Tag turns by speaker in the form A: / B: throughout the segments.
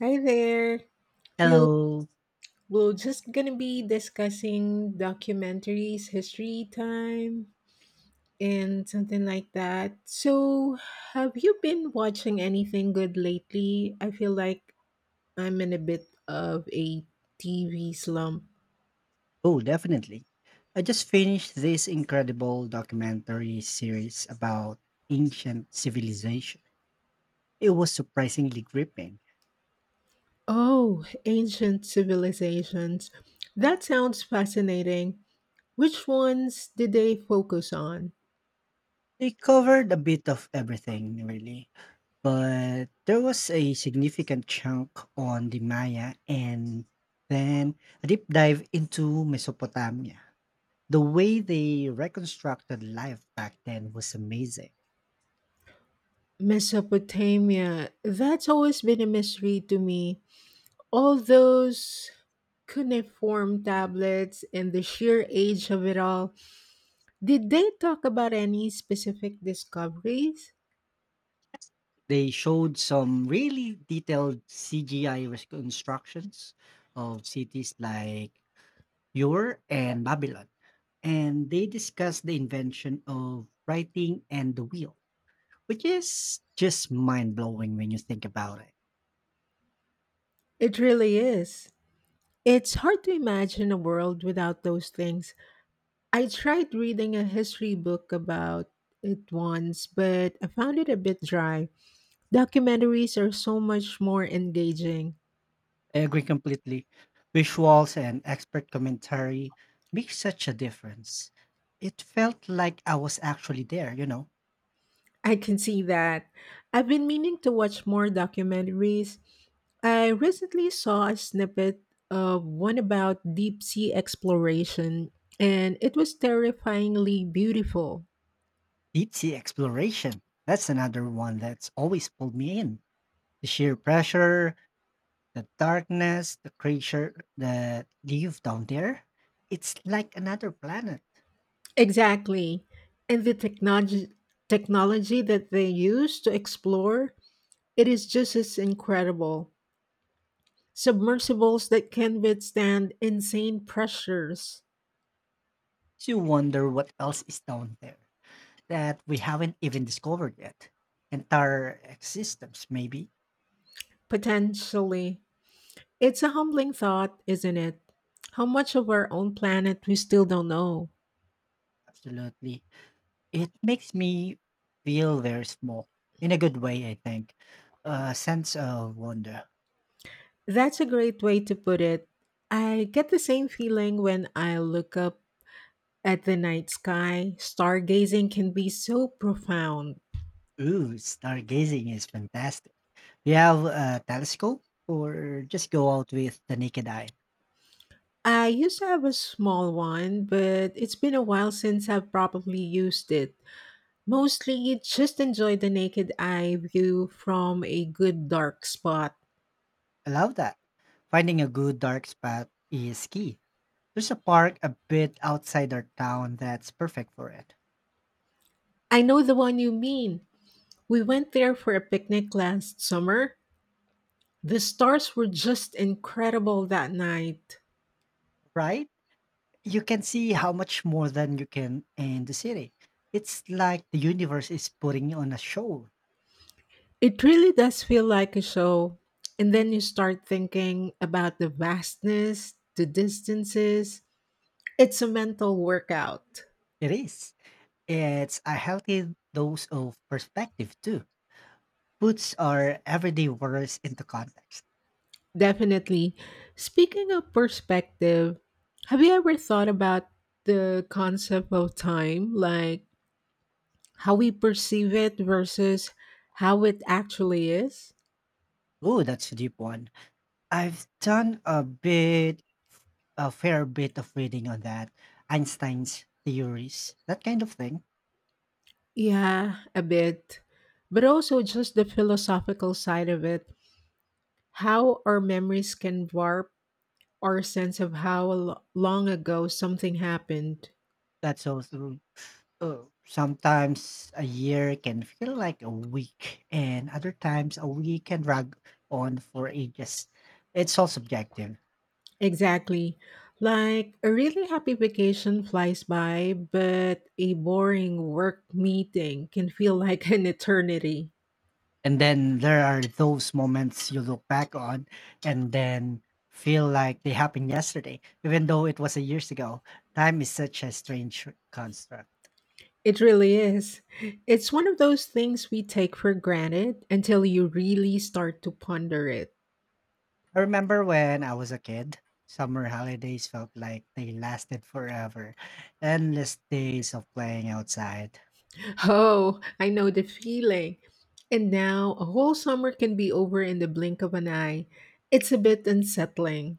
A: Hi there. We'll
B: Hello.
A: we're just gonna be discussing documentaries, history time, and something like that. So, have you been watching anything good lately? I feel like I'm in a bit of a TV slump.
B: Oh, definitely. I just finished this incredible documentary series about ancient civilization. It was surprisingly gripping.
A: Oh, ancient civilizations. That sounds fascinating. Which ones did they focus on?
B: They covered a bit of everything, really, but there was a significant chunk on the Maya and then a deep dive into Mesopotamia. The way they reconstructed life back then was amazing.
A: Mesopotamia. That's always been a mystery to me. All those cuneiform tablets and the sheer age of it all. Did they talk about any specific discoveries?
B: They showed some really detailed CGI reconstructions of cities like Ur and Babylon, and they discussed the invention of writing and the wheel, which is just mind blowing when you think about it.
A: It really is. It's hard to imagine a world without those things. I tried reading a history book about it once, but I found it a bit dry. Documentaries are so much more engaging.
B: I agree completely. Visuals and expert commentary make such a difference. It felt like I was actually there,
A: I can see that. I've been meaning to watch more documentaries. I recently saw a snippet of one about deep sea exploration, and it was terrifyingly beautiful.
B: Deep sea exploration. That's another one that's always pulled me in. The sheer pressure, the darkness, the creature that live down there. It's like another planet.
A: Exactly. And the technology that they use to explore, it is just as incredible. Submersibles that can withstand insane pressures.
B: So you wonder what else is down there that we haven't even discovered yet. Entire existence, maybe.
A: Potentially it's a humbling thought, isn't it, how much of our own planet we still don't know.
B: Absolutely. It makes me feel very small. In a good way, I think. A sense of wonder.
A: That's a great way to put it. I get the same feeling when I look up at the night sky. Stargazing can be so profound.
B: Ooh, stargazing is fantastic. Do you have a telescope or just go out with the naked eye?
A: I used to have a small one, but it's been a while since I've probably used it. Mostly just enjoy the naked eye view from a good dark spot.
B: I love that. Finding a good dark spot is key. There's a park a bit outside our town that's perfect for it,
A: I know the one you mean. We went there for a picnic last summer. The stars were just incredible that night.
B: right? You can see how much more than you can in the city. It's like the universe is putting on a show.
A: It really does feel like a show. And then you start thinking about the vastness, the distances. It's a mental workout.
B: It is. It's a healthy dose of perspective, too. Puts our everyday worries into context.
A: Definitely. Speaking of perspective, have you ever thought about the concept of time, like how we perceive it versus how it actually is?
B: Oh, that's a deep one. I've done a bit, A fair bit of reading on that. Einstein's theories, that kind of thing.
A: Yeah, a bit. But also just the philosophical side of it, how our memories can warp our sense of how long ago something happened.
B: That's also uh, sometimes a year can feel like a week, and other times a week can drag on for ages. It's all subjective.
A: Exactly. Like a really happy vacation flies by, but a boring work meeting can feel like an eternity.
B: And then there are those moments you look back on and then feel like they happened yesterday, even though it was a years ago. Time is such a strange construct.
A: It really is. It's one of those things we take for granted until you really start to ponder it.
B: I remember when I was a kid, summer holidays felt like they lasted forever. Endless days of playing outside.
A: Oh, I know the feeling. And now a whole summer can be over in the blink of an eye. It's a bit unsettling.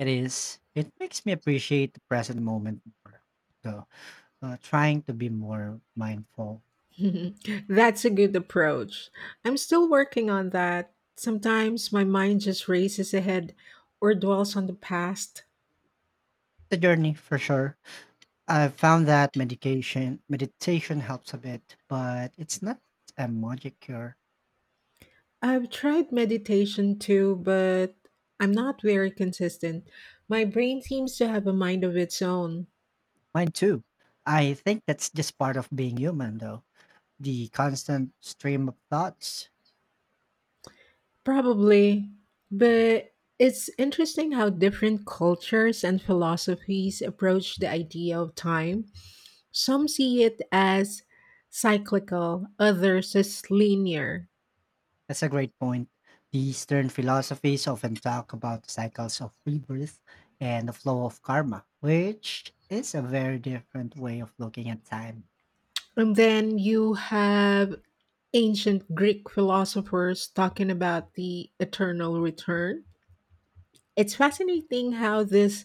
B: It is. It makes me appreciate the present moment more, though. Trying to be more mindful.
A: That's a good approach. I'm still working on that. Sometimes my mind just races ahead or dwells on the past.
B: It's a journey for sure, I've found that medication meditation helps a bit, but it's not a magic cure.
A: I've tried meditation too, but I'm not very consistent. My brain seems to have a mind of its own.
B: Mine too. I think that's just part of being human though. The constant stream of thoughts.
A: Probably. But it's interesting how different cultures and philosophies approach the idea of time. Some see it as cyclical, others as linear.
B: That's a great point. The Eastern philosophies often talk about the cycles of rebirth and the flow of karma, which is a very different way of looking at time.
A: And then you have ancient Greek philosophers talking about the eternal return. It's fascinating how these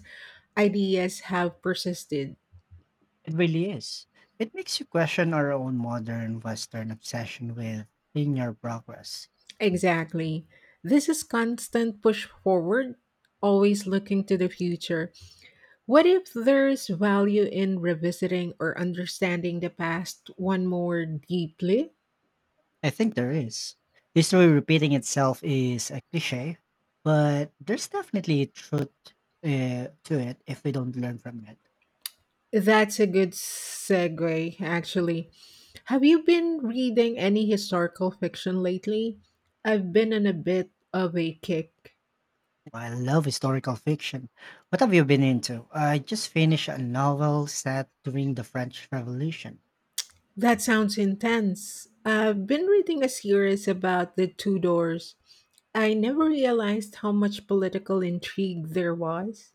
A: ideas have persisted.
B: It really is. It makes you question our own modern Western obsession with linear progress.
A: Exactly. This is constant push forward, always looking to the future. What if there's value in revisiting or understanding the past one more deeply?
B: I think there is. History repeating itself is a cliche, but there's definitely truth to it if we don't learn from it.
A: That's a good segue, actually. Have you been reading any historical fiction lately? I've been on a bit of a kick.
B: I love historical fiction. What have you been into? I just finished a novel set during the French Revolution.
A: That sounds intense. I've been reading a series about the Tudors. I never realized how much political intrigue there was.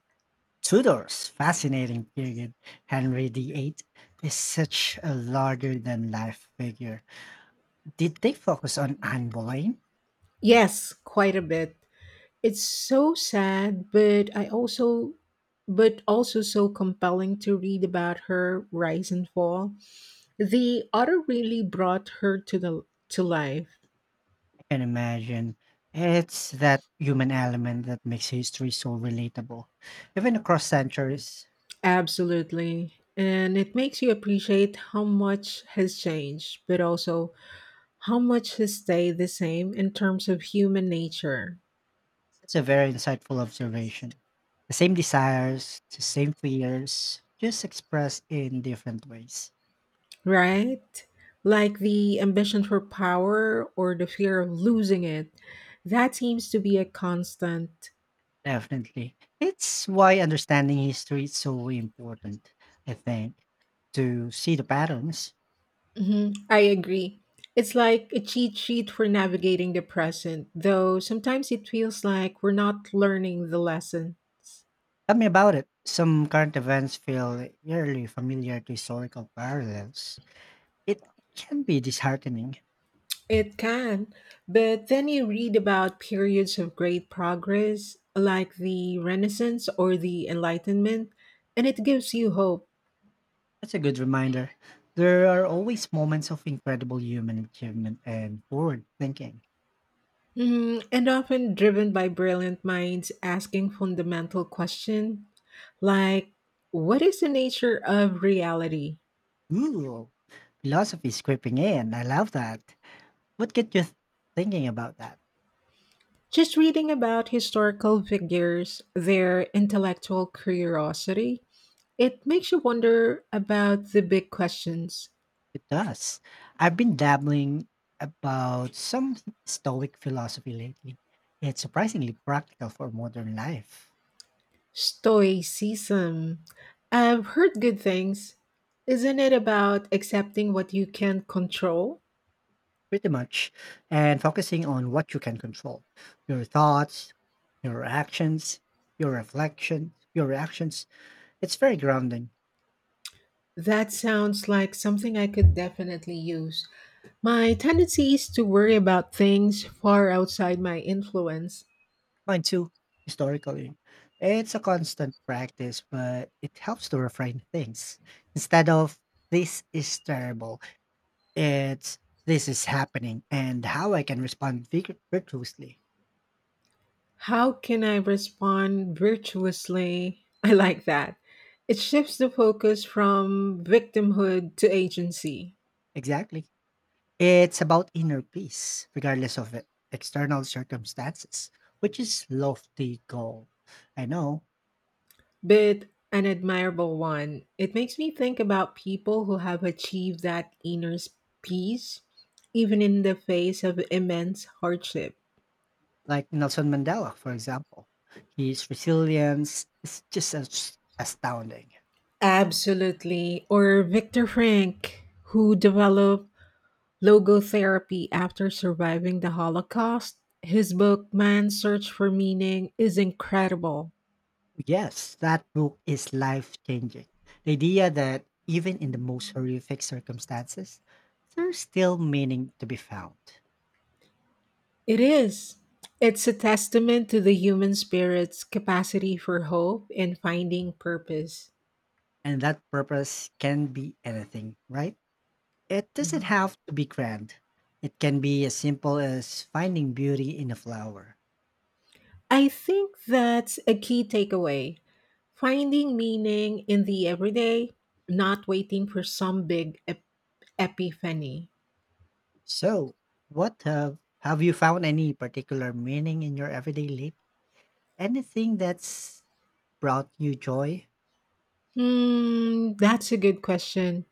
B: Tudors, fascinating period. Henry VIII is such a larger than life figure. Did they focus on Anne Boleyn?
A: Yes, quite a bit. It's so sad, but also so compelling to read about her rise and fall. The auto really brought her to life.
B: I can imagine. It's that human element that makes history so relatable, even across centuries.
A: Absolutely. And it makes you appreciate how much has changed, but also how much has stayed the same in terms of human nature,
B: It's a very insightful observation. The same desires, the same fears, just expressed in different ways.
A: right? Like the ambition for power or the fear of losing it. That seems to be a constant.
B: Definitely. It's why understanding history is so important, I think, to see the patterns.
A: Mhm, I agree. It's like a cheat sheet for navigating the present, though sometimes it feels like we're not learning the lesson.
B: Tell me about it. Some current events feel eerily familiar to historical parallels. It can be disheartening.
A: It can, but then you read about periods of great progress, like the Renaissance or the Enlightenment, and it gives you hope.
B: That's a good reminder. There are always moments of incredible human achievement and forward thinking.
A: Mm, and often driven by brilliant minds asking fundamental questions like, what is the nature of reality?
B: Ooh, philosophy is creeping in. I love that. What get you thinking about that?
A: Just reading about historical figures, their intellectual curiosity, it makes you wonder about the big questions.
B: It does. I've been dabbling about some Stoic philosophy lately. It's surprisingly practical for modern life,
A: Stoicism. I've heard good things. Isn't it about accepting what you can't control?
B: pretty much, and focusing on what you can control your thoughts, your actions, your reflections, your reactions. It's very grounding.
A: That sounds like something I could definitely use. My tendency is to worry about things far outside my influence.
B: Mine too, historically. It's a constant practice, but it helps to refine things. Instead of this is terrible, it's this is happening and how I can respond virtuously.
A: How can I respond virtuously? I like that. It shifts the focus from victimhood to agency.
B: Exactly. It's about inner peace, regardless of external circumstances, which is lofty goal. I know,
A: But an admirable one. It makes me think about people who have achieved that inner peace, even in the face of immense hardship.
B: like Nelson Mandela, for example. His resilience is just astounding.
A: Absolutely. Or Viktor Frank, who developed logotherapy after surviving the Holocaust. His book, Man's Search for Meaning, is incredible.
B: Yes, that book is life changing. The idea that even in the most horrific circumstances, there's still meaning to be found.
A: It is. It's a testament to the human spirit's capacity for hope and finding purpose.
B: And that purpose can be anything, right? It doesn't
A: Mhm.
B: have to be grand. It can be as simple as finding beauty in a flower.
A: I think that's a key takeaway. Finding meaning in the everyday, not waiting for some big epiphany.
B: So, have you found any particular meaning in your everyday life? Anything that's brought you joy?
A: Hmm, that's a good question.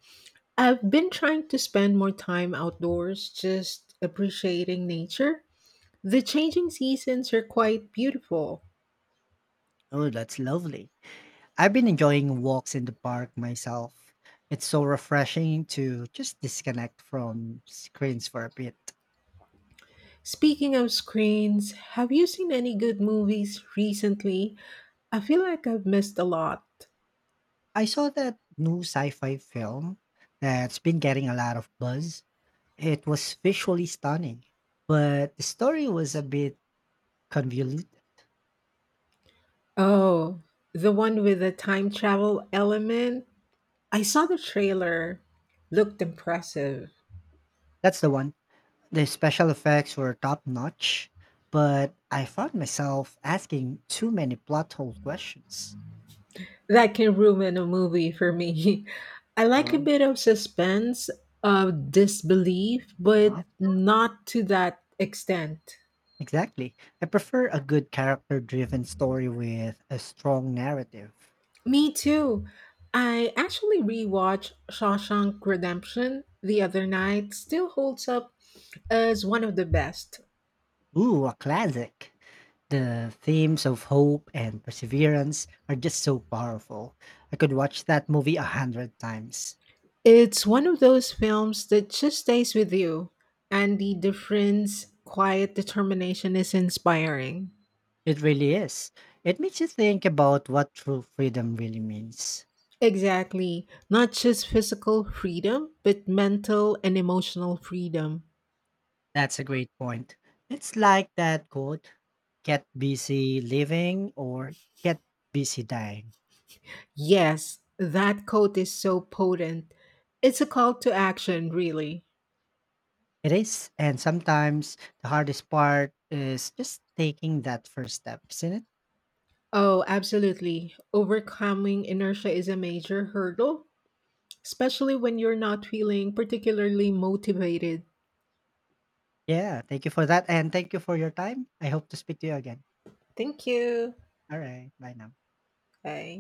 A: I've been trying to spend more time outdoors, just appreciating nature. The changing seasons are quite beautiful.
B: Oh, that's lovely. I've been enjoying walks in the park myself. It's so refreshing to just disconnect from screens for a bit.
A: Speaking of screens, have you seen any good movies recently? I feel like I've missed a lot.
B: I saw that new sci fi film that's been getting a lot of buzz. It was visually stunning, but the story was a bit convoluted.
A: Oh, the one with the time travel element? I saw the trailer. Looked impressive.
B: That's the one. The special effects were top notch, but I found myself asking too many plot hole questions.
A: That can ruin a movie for me. I like a bit of suspense, of disbelief, but not to that extent.
B: Exactly. I prefer a good character driven story with a strong narrative.
A: Me too. I actually rewatched Shawshank Redemption the other night. Still holds up as one of the best.
B: Ooh, a classic. The themes of hope and perseverance are just so powerful. I could watch that movie 100 times.
A: It's one of those films that just stays with you, and the difference, quiet determination is inspiring.
B: It really is. It makes you think about what true freedom really means.
A: Exactly. Not just physical freedom, but mental and emotional freedom.
B: That's a great point. It's like that quote get busy living or get busy dying.
A: Yes, that quote is so potent. It's a call to action, really.
B: It is, and sometimes the hardest part is just taking that first step, isn't it?
A: Oh, absolutely. Overcoming inertia is a major hurdle, especially when you're not feeling particularly motivated.
B: Yeah, thank you for that, and thank you for your time. I hope to speak to you again.
A: Thank you.
B: All right, bye now.
A: Bye.